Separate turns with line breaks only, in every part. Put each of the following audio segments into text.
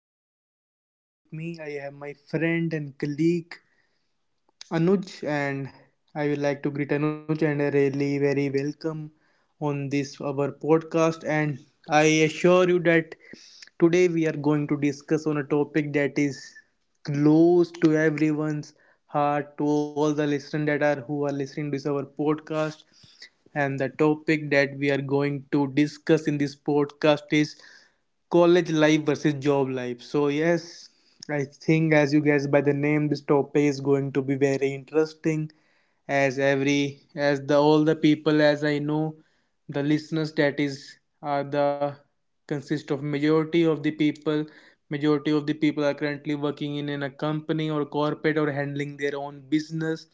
host Abel, and with me I have my friend and colleague. Anuj, and I would like to greet Anuj and really very welcome on this our podcast. And I assure you that today we are going to discuss on a topic that is close to everyone's heart, to all the listeners that are who are listening to this our podcast. And the topic that we are going to discuss in this podcast is college life versus job life. So, yes, I think as you guess by the name, this topic is going to be very interesting. As every, as the all the people as I know the listeners that is are the consist of majority of the people are currently working in a company or corporate or handling their own business,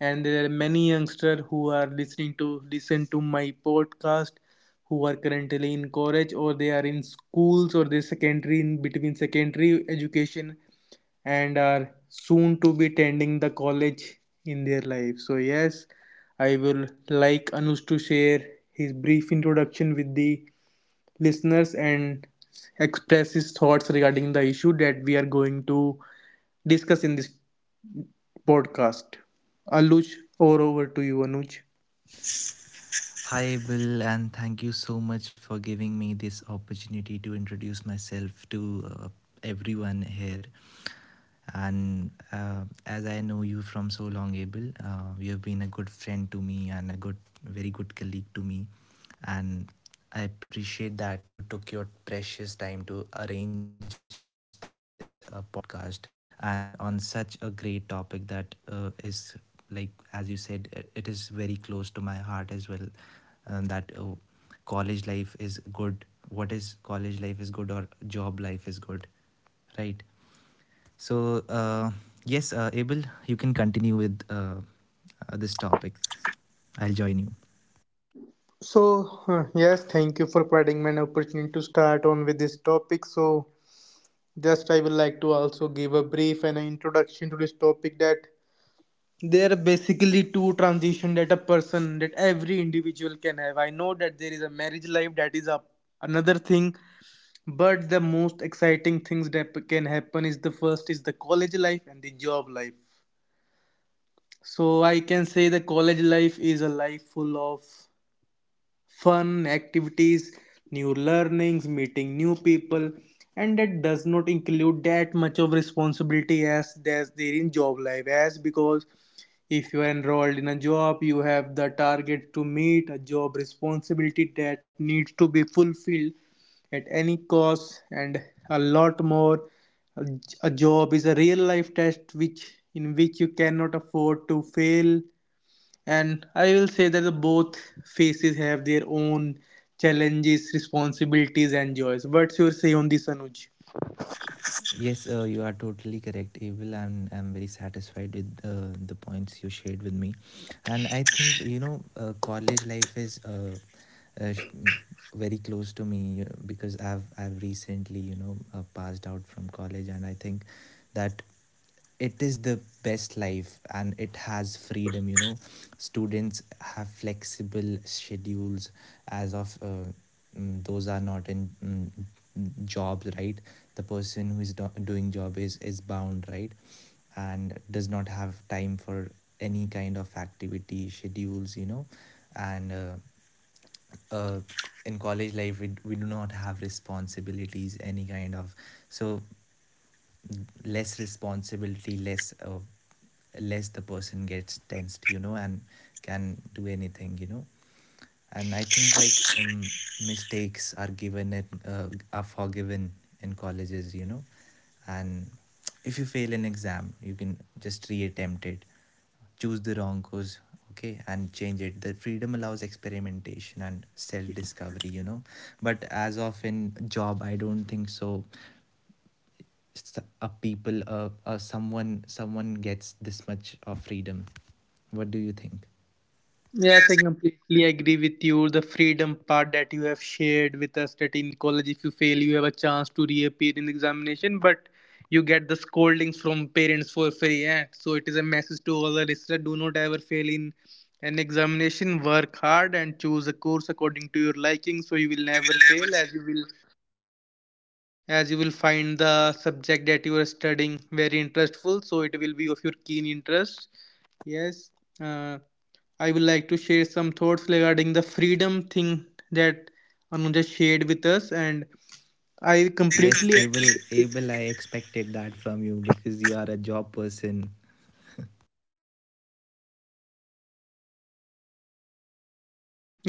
and there are many youngsters who are listen to my podcast, who are currently in college or they are in schools, or they secondary in between secondary education and are soon to be attending the college in their life. So, yes, I will like Anush to share his brief introduction with the listeners and express his thoughts regarding the issue that we are going to discuss in this podcast. Anush, or over to you, Anuj.
Hi, Will, and thank you so much for giving me this opportunity to introduce myself to everyone here. And as I know you from so long, Abel, you have been a good friend to me and a very good colleague to me. And I appreciate that you took your precious time to arrange this podcast and on such a great topic that is like, as you said, it is very close to my heart as well. That College life is good. What is college life is good or job life is good, right? So, uh, yes, Abel, you can continue with this topic. I'll join you.
So, yes, thank you for providing me an opportunity to start on with this topic. So, just I would like to also give a brief and an introduction to this topic, that there are basically two transition that a person that every individual can have. I know that there is a marriage life, that is another thing, but the most exciting things that can happen is the first is the college life and the job life. So I can say the college life is a life full of fun activities, new learnings, meeting new people, and that does not include that much of responsibility as there in job life, as because if you are enrolled in a job, you have the target to meet, a job responsibility that needs to be fulfilled at any cost, and a lot more. A job is a real life test which in which you cannot afford to fail. And I will say that the both phases have their own challenges, responsibilities and joys. What's your say on this, Anuj?
Yes, you are totally correct, Abel. I'm very satisfied with the points you shared with me. And I think, you know, college life is uh, sh- very close to me because I've recently, you know, passed out from college, and I think that it is the best life and it has freedom, you know. Students have flexible schedules as of those are not in jobs, right? The person who is doing job is bound, right, and does not have time for any kind of activity schedules, you know. And uh, in college life, we do not have responsibilities, any kind of. So less responsibility, less the person gets tensed, you know, and can do anything, you know. And I think, mistakes are given and are forgiven in colleges, you know. And if you fail an exam, you can just reattempt it, choose the wrong course, okay, and change it. The freedom allows experimentation and self discovery, you know. But as of in job, I don't think so s- a people someone gets this much of freedom. What do you think?
Yes, I
Yes,
completely agree with you. The freedom part that you have shared with us, that in college, if you fail, you have a chance to reappear in examination, but you get the scoldings from parents for free. Yeah. So it is a message to all the listeners, do not ever fail in an examination. Work hard and choose a course according to your liking so you will
so you
never
will never.
fail, as you will find the subject that you are studying very interestful, so it will be of your keen interest. Yes, uh, I would like to share some thoughts regarding the freedom thing that Anuja shared with us, and I
I yes
completely
completely. Abel, Abel, I expected that from you because you are a job person.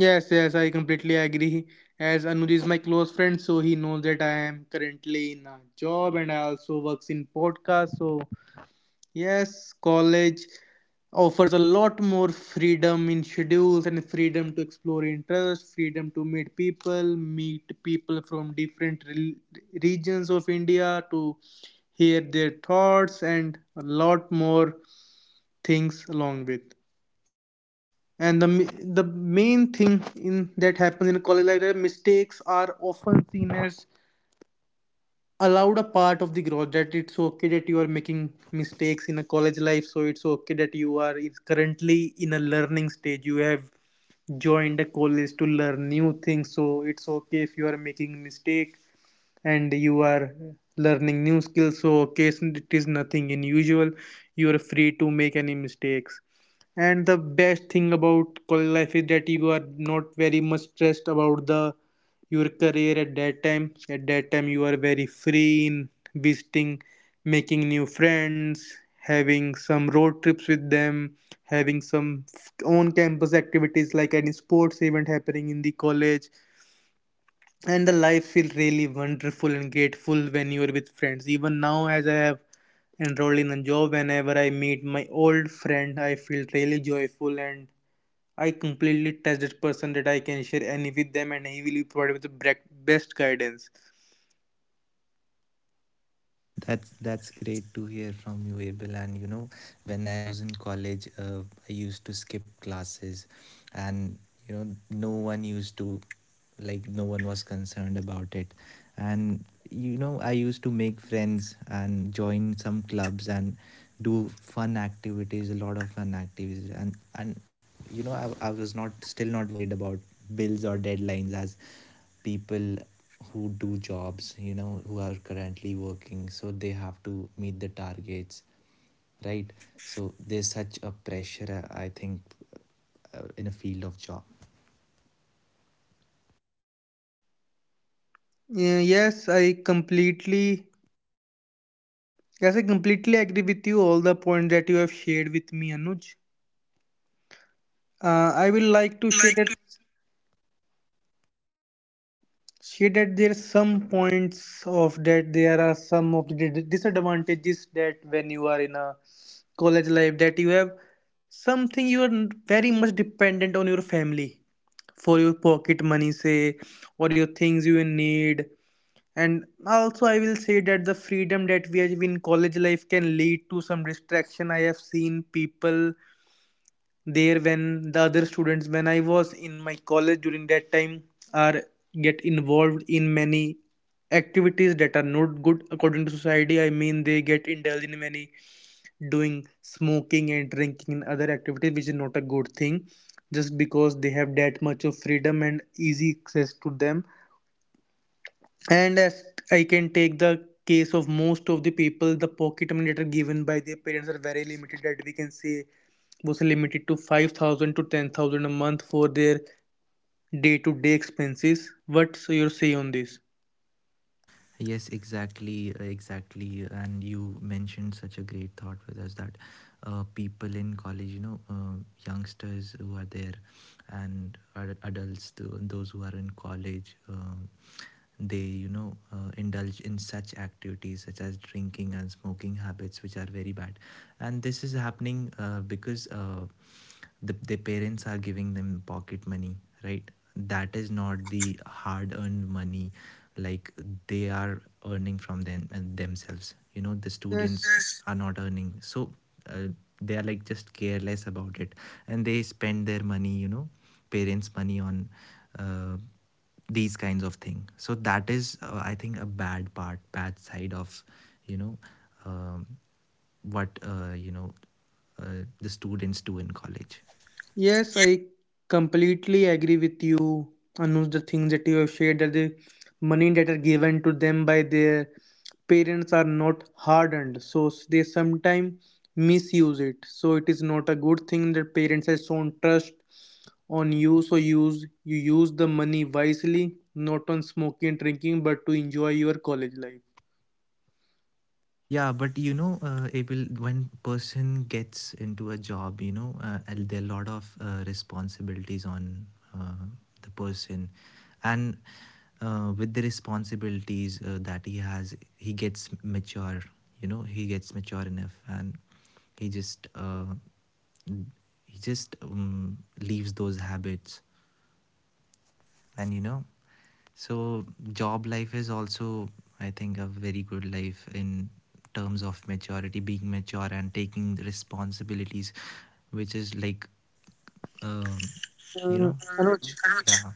yes, I completely agree. As Anuj is my close friend, so he knows that I am currently in a job and I also works in podcast. So yes, college offers a lot more freedom in schedules and freedom to explore interests, freedom to meet people from different regions of India to hear their thoughts and a lot more things along with. And the main thing in that happens in a college life, that mistakes are often seen as allowed a part of the growth. That it's okay that you are making mistakes in a college life, so it's okay that you are is currently in a learning stage. You have joined a college to learn new things, so it's okay if you are making mistake and you are learning new skills, so case it is nothing unusual. You are free to make any mistakes. And the best thing about college life is that you are not very much stressed about the your career at that time. At that time, you are very free in visiting, making new friends, having some road trips with them, having some on campus activities like any sports event happening in the college. And the life feels really wonderful and grateful when you are with friends. Even now, as I have enrolled in a job, whenever I meet my old friend, I feel really joyful, and I completely trust that person that I can share any with them, and he will be provided with the best guidance.
That's great to hear from you, Abel. And you know, when I was in college, I used to skip classes. And you know, no one used to, like, no one was concerned about it. And you know, I used to make friends and join some clubs and do fun activities, a lot of fun activities. And you know, I was not still not worried about bills or deadlines as people who do jobs, you know, who are currently working, so they have to meet the targets, right? So there's such a pressure. I think in a field of job.
Yeah, yes I completely agree with you all the points that you have shared with me, Anuj. I will
I
like to
will
share
like.
that She that there are some points of that there are some of the disadvantages, that when you are in a college life, that you have something, you are very much dependent on your family for your pocket money, say, or your things you need. And also I will say that the freedom that we have in college life can lead to some distraction. I have seen people there, when the other students, when I was in my college during that time, are get involved in many activities that are not good according to society. I mean, they get indulged in many doing smoking and drinking and other activities which is not a good thing, just because they have that much of freedom and easy access to them. And as I can take the case of most of the people, the pocket money that are given by their parents are very limited, that we can say was limited to 5,000 to 10,000 a month for their day to day expenses. What's your say on this?
Yes, exactly, exactly. And you mentioned such a great thought with us that people in college, you know, youngsters who are there and adults, those who are in college, they, you know, indulge in such activities such as drinking and smoking habits, which are very bad. And this is happening because the, their parents are giving them pocket money, right, that is not the hard earned money, like, they are earning from them themselves, you know. The
Yes,
students are not earning, so uh, they are like just careless about it, and they spend their money, you know, parents money on uh, these kinds of thing. So that is I think a bad part, bad side of, you know, um, what, you know, the students do in college.
Yes, I completely agree with you, Anuj. The things that you have shared, that the money that are given to them by their parents are not hardened, so they sometimes misuse it. So it is not a good thing, that parents have shown trust on you. So use the money wisely, not on smoking and drinking, but to enjoy your college life.
Yeah, but you know, Abel, when person gets into a job, you know, and there are a lot of responsibilities on uh, the person, and with the responsibilities that he has, he gets mature. You know, he gets mature enough, and he just uh, he just leaves those habits, and you know, so job life is also, I think, a very good life in terms of maturity, being mature, and taking the responsibilities, which is like, um, you
Mm,
know.
Anuj,
Mm, yeah.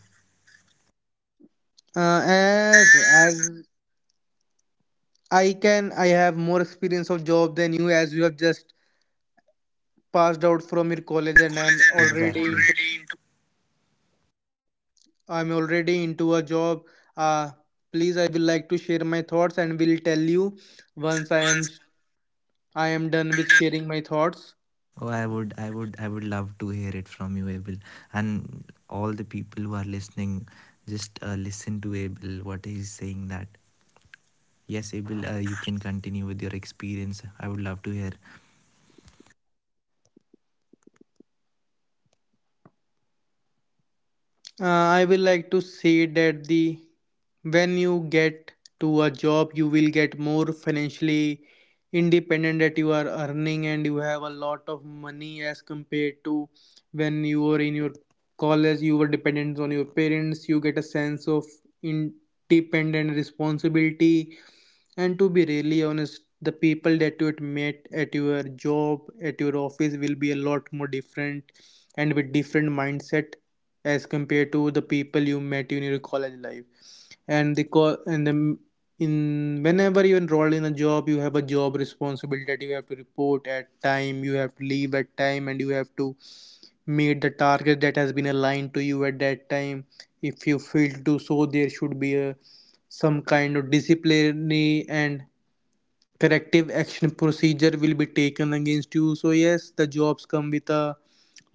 Uh, as
As
as I can, I have more experience of job than you, as you have just passed out from your
From
college,
your
and
college and I'm exactly already into
I'm already into a job. Uh, Please, I will like to share my thoughts and will tell you once
once
I am
I
done with
am done.
sharing my thoughts.
Oh, I would love to hear it from you, Abel, and all the people who are listening. Just listen to Abel. What he's saying that yes, Abel, you can continue with your experience. I would love to hear.
Uh, I will like to say that the when you get to a job, you will get more financially independent, that you are earning and you have a lot of money as compared to when you were in your college, you were dependent on your parents. You get a sense of independent responsibility. And to be really honest, the people that you had met at your job, at your office, will be a lot more different and with different mindset as compared to the people you met in your college life. And the in whenever you enroll in a job, you have a job responsibility, that you have to report at time, you have to leave at time, and you have to meet the target that has been aligned to you at that time. If you fail to do so, there should be a some kind of disciplinary and corrective action procedure will be taken against you. So yes, the jobs come with a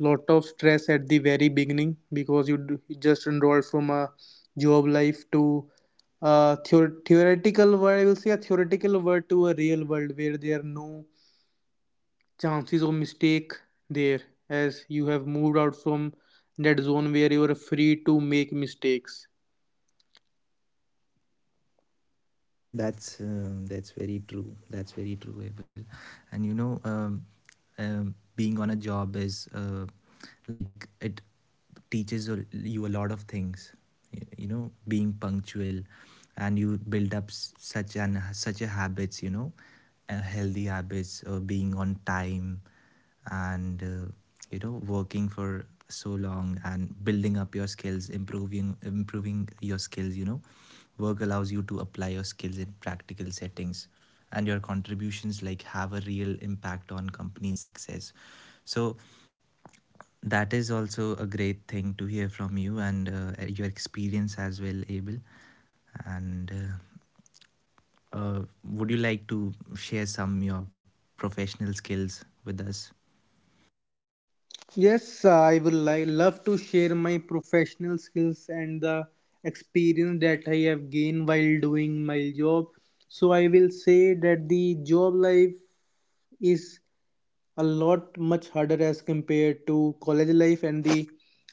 lot of stress at the very beginning, because you just enrolled from a job life to a theoretical world, I will say a theoretical world to a real world where there are no chances of mistake there, as you have moved out from that zone where you are free to make mistakes.
That's very true. Abel. And you know, being on a job is like it teaches you a lot of things. You know, being punctual, and you build up such an such a habits. You know, healthy habits, being on time, and you know, working for so long and building up your skills, improving your skills, you know. Work allows you to apply your skills in practical settings, and your contributions like have a real impact on company success. So that is also a great thing to hear from you, and your experience as well, Abel. And would you like to share some your professional skills with us?
Yes, I will like love to share my professional skills and the experience that I have gained while doing my job. So I will say that the job life is a lot much harder as compared to college life, and the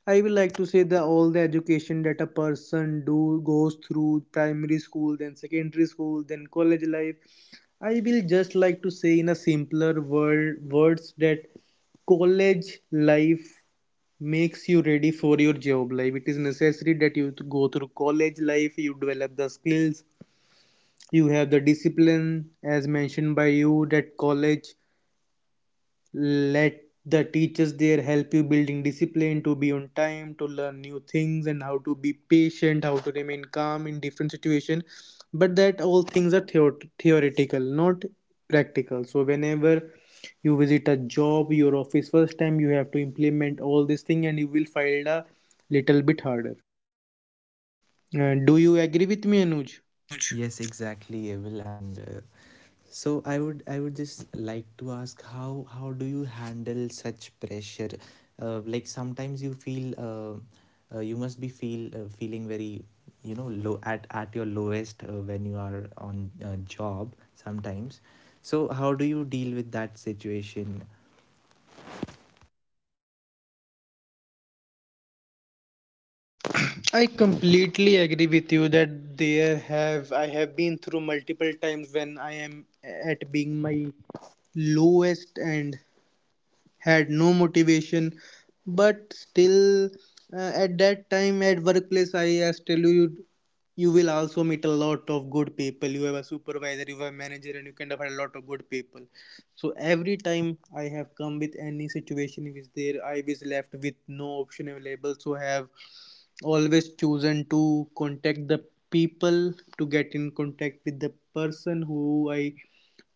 I will like to say that all the education that a person do goes through primary school, then secondary school, then college life. I will just like to say in a simpler words that college life makes you ready for your job life. It is necessary that you go through college life, you develop the skills, you have the discipline, as mentioned by you, that college let the teachers there help you building discipline to be on time, to learn new things, and how to be patient, how to remain calm in different situation. But that all things are theoretical, not practical. So whenever you visit a job, your office first time, you have to implement all this thing, and you will find a little bit harder. Do you agree with me, Anuj?
Anuj. Yes, exactly, Evil. And so I would just like to ask, how do you handle such pressure? Like, sometimes you feel you must be feel, feeling very, you know, low at your lowest when you are on a job sometimes. So how do you deal with that situation?
I completely agree with you that there have I have been through multiple times when I am at being my lowest and had no motivation, but still, at that time at workplace, I as tell you, you will also meet a lot of good people. You have a supervisor, you have a manager, and you kind of have a lot of good people. So every time I have come with any situation which there I was left with no option available, so I have always chosen to contact the people to get in contact with the person who I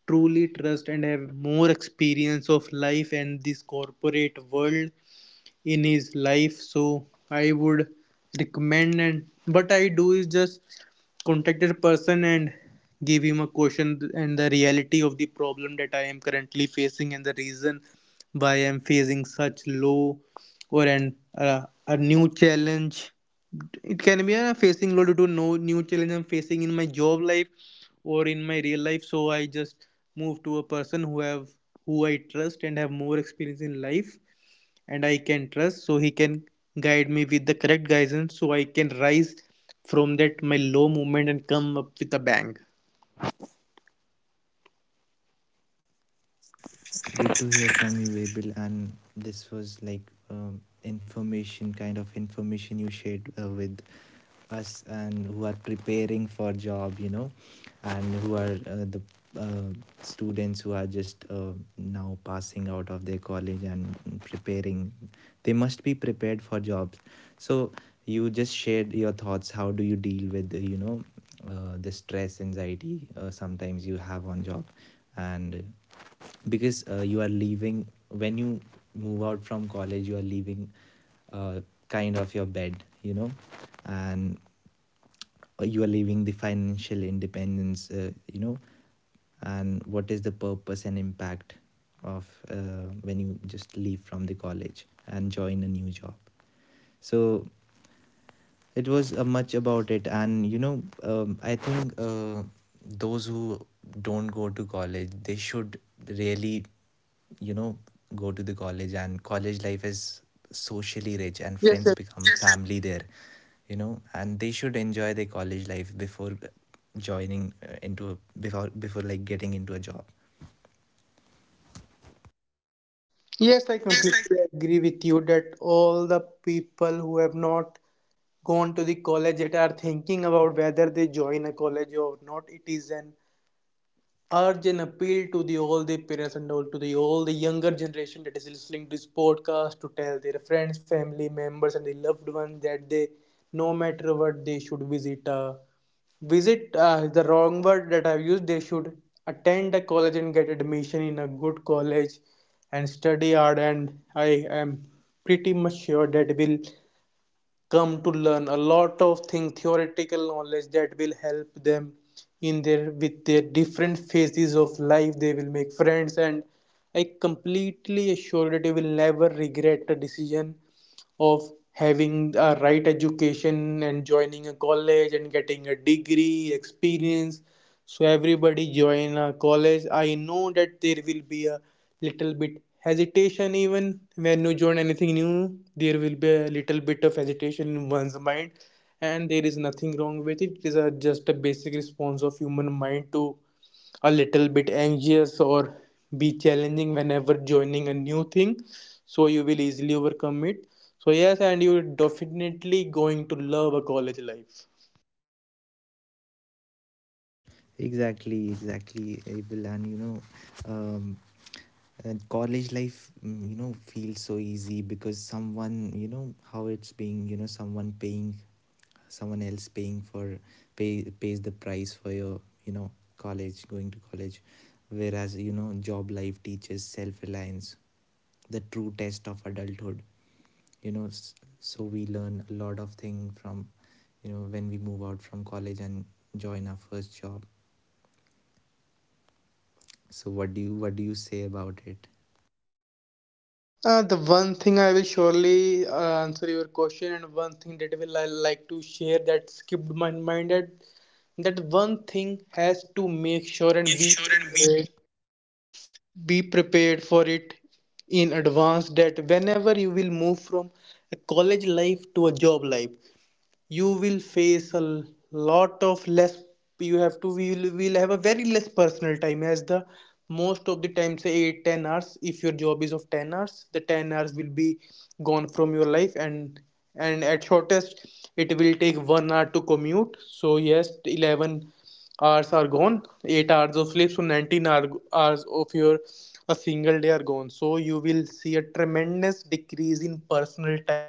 truly trust and have more experience of life and this corporate world in his life. So I would recommend, and what I do is just contact a person and give him a question and the reality of the problem that I am currently facing and the reason why I am facing such low or an a new challenge. It can be a facing low due to no new challenge I'm facing in my job life or in my real life. So I just move to a person who have who I trust and have more experience in life and I can trust, so he can guide me with the correct guidance so I can rise from that my low moment and come up with a bang.
Good to hear from you, Abel. And this was like, information, kind of information you shared with us, and who are preparing for job, you know, and who are the uh, students who are just now passing out of their college and preparing. They must be prepared for jobs. So you just shared your thoughts. How do you deal with you know, the stress, anxiety sometimes you have on job, and because you are leaving when you move out from college, you are leaving uh, kind of your bed, you know, and you are leaving the financial independence, you know, and what is the purpose and impact of when you just leave from the college and join a new job. So it was much about it, and you know, I think those who don't go to college, they should really, you know, go to the college. And college life is socially rich, and
Yes, sir.
friends become family there, you know, and they should enjoy their college life before joining into a, before before like getting into a job.
Yes, I
Yes,
completely agree with you that all the people who have not gone to the college yet are thinking about whether they join a college or not. It is an urgent appeal to the all the parents and all to the all the younger generation that is listening to this podcast to tell their friends, family members, and the loved ones that they, no matter what, they should visit a visit, the wrong word that I've used. They should attend the college and get admission in a good college and study hard. And I am pretty much sure that will come to learn a lot of things, theoretical knowledge that will help them in their, with their different phases of life. They will make friends, and I completely assure that you will never regret the decision of having a right education and joining a college and getting a degree experience. So everybody join a college. I know that there will be a little bit hesitation even when you join anything new. There will be a little bit of hesitation in one's mind, and there is nothing wrong with it. It is a, just a basic response of human mind to a little bit anxious or be challenging whenever joining a new thing, so you will easily overcome it. So yes, and you're definitely going to love a college life.
exactly, Abel. And you know, um, and college life, you know, feels so easy because someone, you know, how it's being, you know, someone else paying for pays the price for your, you know, college, going to college, whereas, you know, job life teaches self-reliance, the true test of adulthood, you know. So we learn a lot of thing from, you know, when we move out from college and join our first job. So what do you say about it?
The one thing I will surely answer your question, and one thing that will I like to share that skipped my mind, that one thing has to make sure and
Make sure and be.
be prepared for it in advance. That whenever you will move from a college life to a job life, you will face a lot of less. You have to, we will, we'll have a very less personal time, as the most of the time, say 8 10 hours, if your job is of 10 hours, the 10 hours will be gone from your life. And at shortest, it will take 1 hour to commute, so yes, 11 hours are gone, 8 hours of sleep, so 19 hours of your a single day are gone, so you will see a tremendous decrease in personal time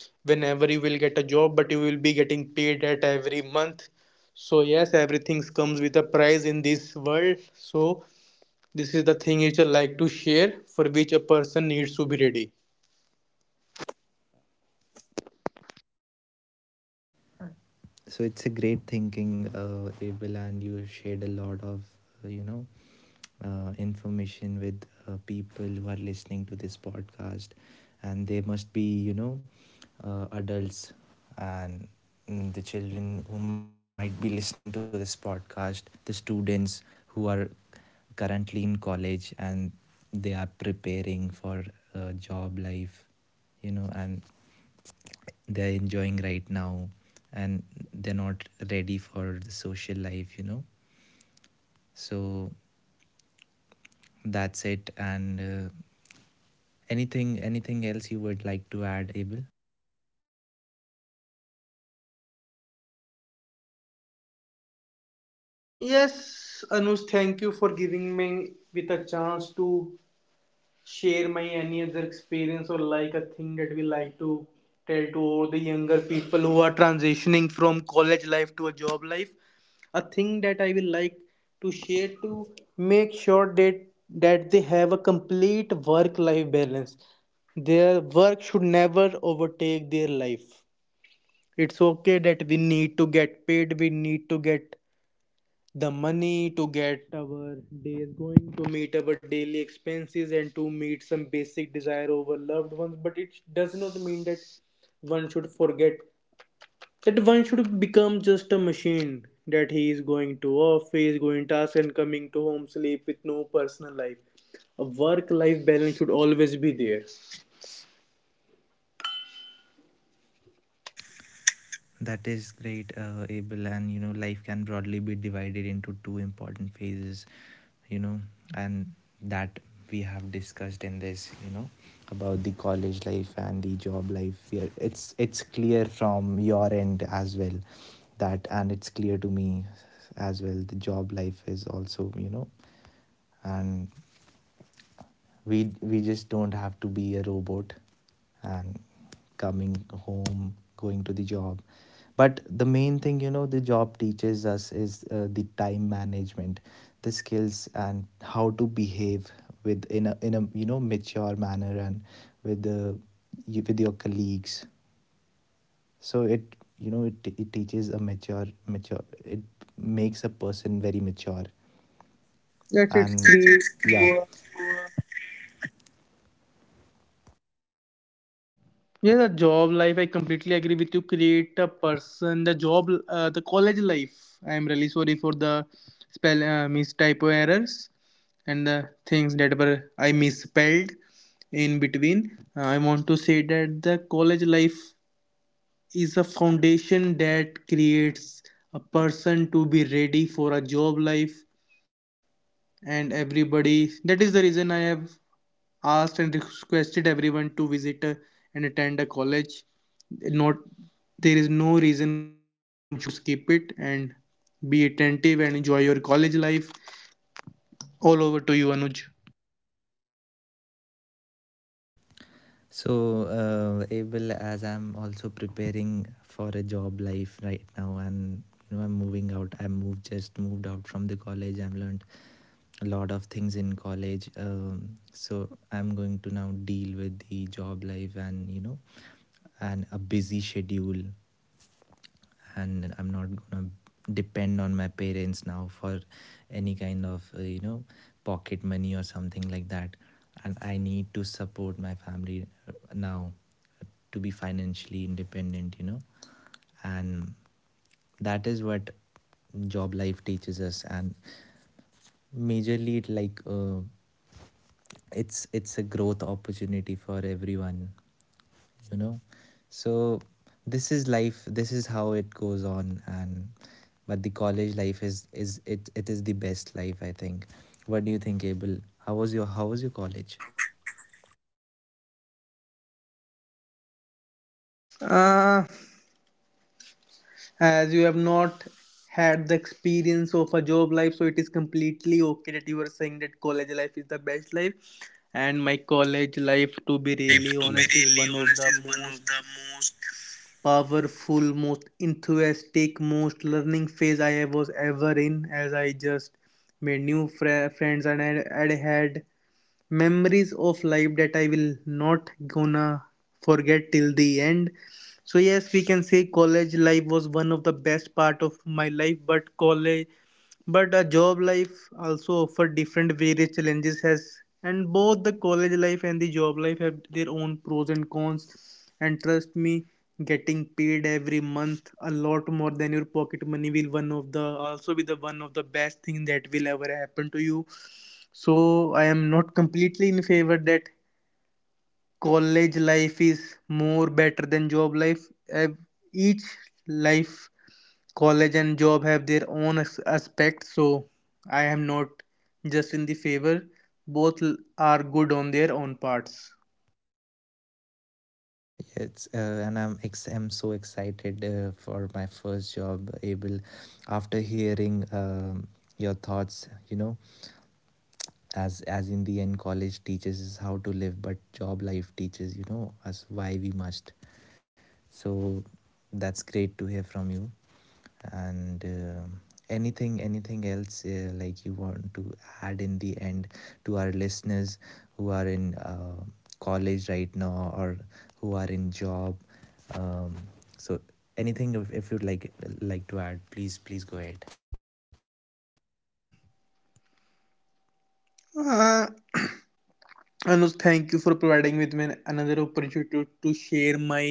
whenever you will get a job, but you will be getting paid at every month. So yes, everything comes with a price in this world, so this is the thing which I like to share, for which a person needs to be ready.
So it's a great thinking, Abel, and you shared a lot of, you know, information with people who are listening to this podcast. And they must be, you know, adults, and the children who might be listening to this podcast, the students who are currently in college, and they are preparing for job life, you know. And they're enjoying right now, and they're not ready for the social life, you know. So that's it. And anything, else you would like to add, Abel?
Yes, Anush, thank you for giving me with a chance to share my any other experience or like a thing that we like to tell to all the younger people who are transitioning from college life to a job life. A thing that I will like to share, to make sure that they have a complete work life balance. Their work should never overtake their life. It's okay that we need to get paid, we need to get the money to get our days going, to meet our daily expenses, and to meet some basic desire over loved ones. But it does not mean that one should forget that one should become just a machine that he is going to office, going task, and coming to home sleep with no personal life. A work life balance should always be there.
That is great, Abel. And you know, life can broadly be divided into two important phases. You know, and that we have discussed in this. You know, about the college life and the job life. Yeah, it's clear from your end as well that, and it's clear to me as well. The job life is also, you know, and we just don't have to be a robot and coming home, going to the job, but the main thing, you know, the job teaches us is the time management, the skills, and how to behave with, in a, in a, you know, mature manner, and with the, with your colleagues. So it, you know, it teaches a mature, it makes a person very mature.
Yes, it's
And
create.
yeah.
Yeah, the job life, I completely agree with you. Create a person, the job, the college life. I'm really sorry for the spell mistypo errors and the things that were I misspelled in between. I want to say that the college life is a foundation that creates a person to be ready for a job life. And everybody, that is the reason I have asked and requested everyone to visit and attend a college. Not, there is no reason why one should skip it, and be attentive and enjoy your college life. All over to you, Anuj.
So, Abel, as I'm also preparing for a job life right now, and you know, I'm moving out. I moved just moved out from the college. I've learned a lot of things in college. So I'm going to now deal with the job life, and you know, and a busy schedule. And I'm not gonna depend on my parents now for any kind of you know, pocket money or something like that. And I need to support my family now. uh, to be financially independent, you know. And that is what job life teaches us. And majorly it, it's a growth opportunity for everyone, you know. So this is life, this is how it goes on. And but the college life is it it is the best life, I think. What do you think, Abel? How was your college
Uh, as you have not had the experience of a job life, so it is completely okay that you are saying that college life is the best life. And my college life, to be
life?
really
Yes, to be
honest, is one
really
of
honest,
the
is one
most
of the most.
powerful, most enthusiastic, most learning phase I was ever in, as I just made new friends and I had memories of life that I will not gonna forget till the end. So yes, we can say college life was one of the best part of my life, but college, but a job life also offer different various challenges has, and both the college life and the job life have their own pros and cons. And trust me, getting paid every month a lot more than your pocket money will one of the also be the one of the best thing that will ever happen to you. So I am not completely in favor that college life is more better than job life. Each life, college and job, have their own aspects, so I am not just in the favor. Both are good on their own parts.
Yes, and I'm so excited for my first job, Abel. After hearing, your thoughts, you know, as in the end, college teaches us how to live, but job life teaches, you know, us why we must. So that's great to hear from you. And anything, else like you want to add in the end to our listeners who are in college right now or who are in job. Um, so anything, if you'd like to add, please, go ahead.
Uh, anuj, thank you for providing with me another opportunity to share my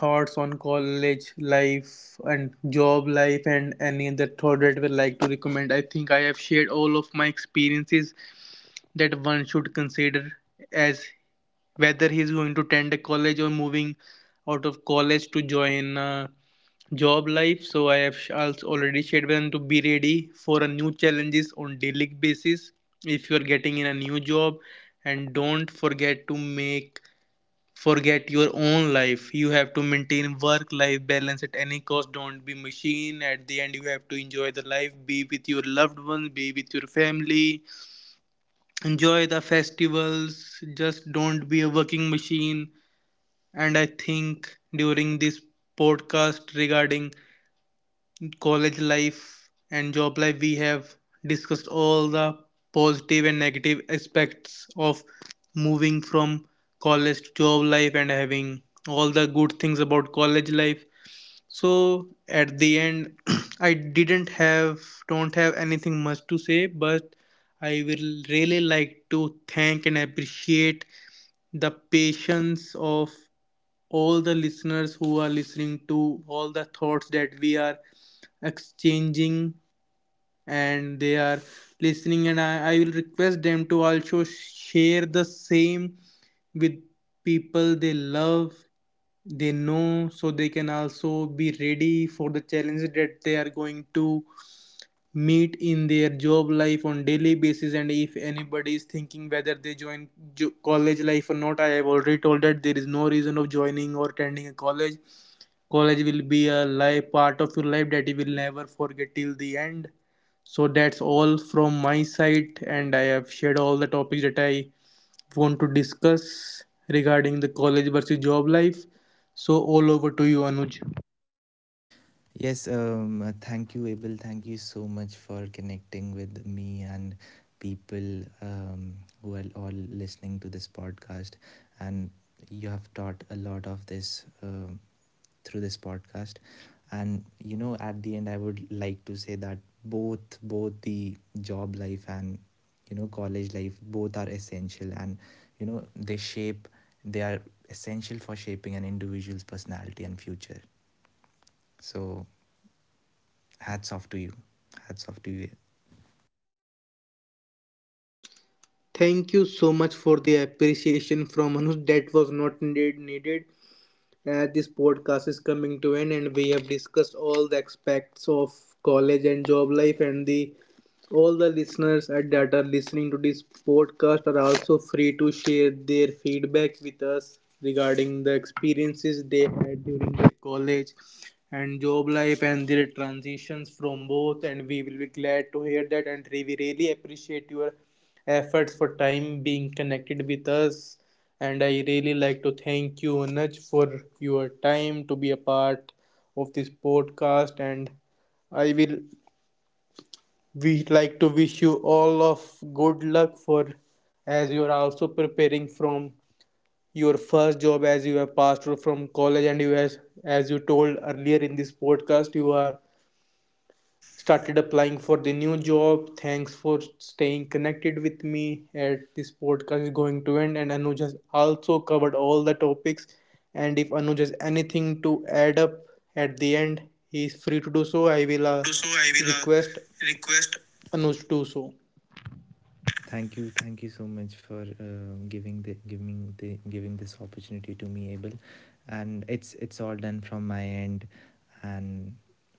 thoughts on college life and job life. And any other thought that I would like to recommend, I think I have shared all of my experiences that one should consider as whether he is going to attend a college or moving out of college to join a job life. So I have also already shared with them to be ready for a new challenges on daily basis. If you are getting in a new job, and don't forget to make forget your own life. You have to maintain work life balance at any cost. Don't be machine at the end. You have to enjoy the life, be with your loved ones, be with your family, enjoy the festivals. Just don't be a working machine. And I think during this podcast regarding college life and job life, we have discussed all the positive and negative aspects of moving from college to job life and having all the good things about college life. So at the end, I didn't have, don't have anything much to say, but I will really like to thank and appreciate the patience of all the listeners who are listening to all the thoughts that we are exchanging, and they are listening. And I will request them to also share the same with people they love, they know, so they can also be ready for the challenges that they are going to meet in their job life on daily basis. And if anybody is thinking whether they join college life or not, I have already told that there is no reason of joining or attending a college. College will be a life part of your life that you will never forget till the end. So that's all from my side, and I have shared all the topics that I want to discuss regarding the college versus job life. So, all over to you, Anuj.
Yes, thank you, Abel. Thank you so much for connecting with me and people, who are all listening to this podcast. And you have taught a lot of this, through this podcast. And you know, at the end, I would like to say that both the job life and, you know, college life, both are essential, and you know, they are essential for shaping an individual's personality and future. So hats off to you. Hats off to you.
Thank you so much for the appreciation from Anuj. That was not indeed needed. This podcast is coming to an end, and we have discussed all the aspects of college and job life and the all the listeners at that are listening to this podcast are also free to share their feedback with us regarding the experiences they had during their college and job life and their transitions from both. And we will be glad to hear that, and we really appreciate your efforts for time being connected with us. And I really like to thank you, Anuj, for your time to be a part of this podcast. And I will we like to wish you all of good luck for, as you are also preparing from your first job, as you have passed through from college. And you, as you told earlier in this podcast, you are started applying for the new job. Thanks for staying connected with me at this podcast is going to end. And Anuj has also covered all the topics, and if Anuj has
And if unable
anything to add up at the end, he is free to do so. I will
to do so, I will,
request
request.
Anuj to do so.
Thank you. Thank you so much for giving the, giving this opportunity to me, Abel. And it's all done from my end. And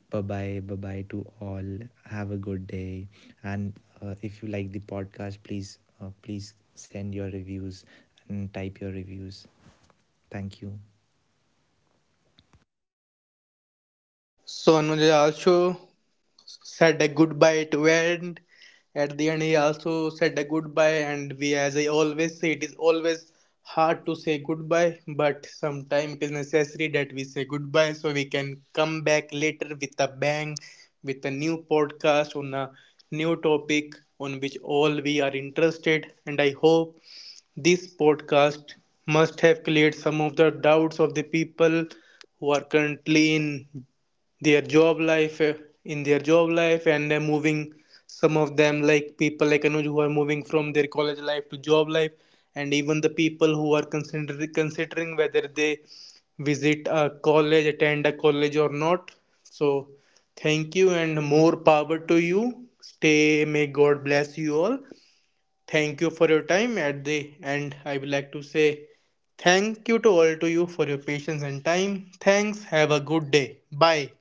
bye bye, to all. Have a good day. And if you like the podcast, please, uh, please send your reviews and type your reviews. Thank you.
So Anuj also said a goodbye to end. At the end, he also said a goodbye, and we, as I always say, it is always hard to say goodbye, but sometimes it is necessary that we say goodbye so we can come back later with a bang, with a new podcast on a new topic on which all we are interested. And I hope this podcast must have cleared some of the doubts of the people who are currently in their job life and they're moving. Some of them, like people like Anuj, who are moving from their college life to job life, and even the people who are considering whether they visit a college, attend a college or not. So thank you, and more power to you. Stay, may god bless you all. Thank you for your time. At the end, I would like to say thank you to all to you for your patience and time. Thanks. Have a good day. Bye.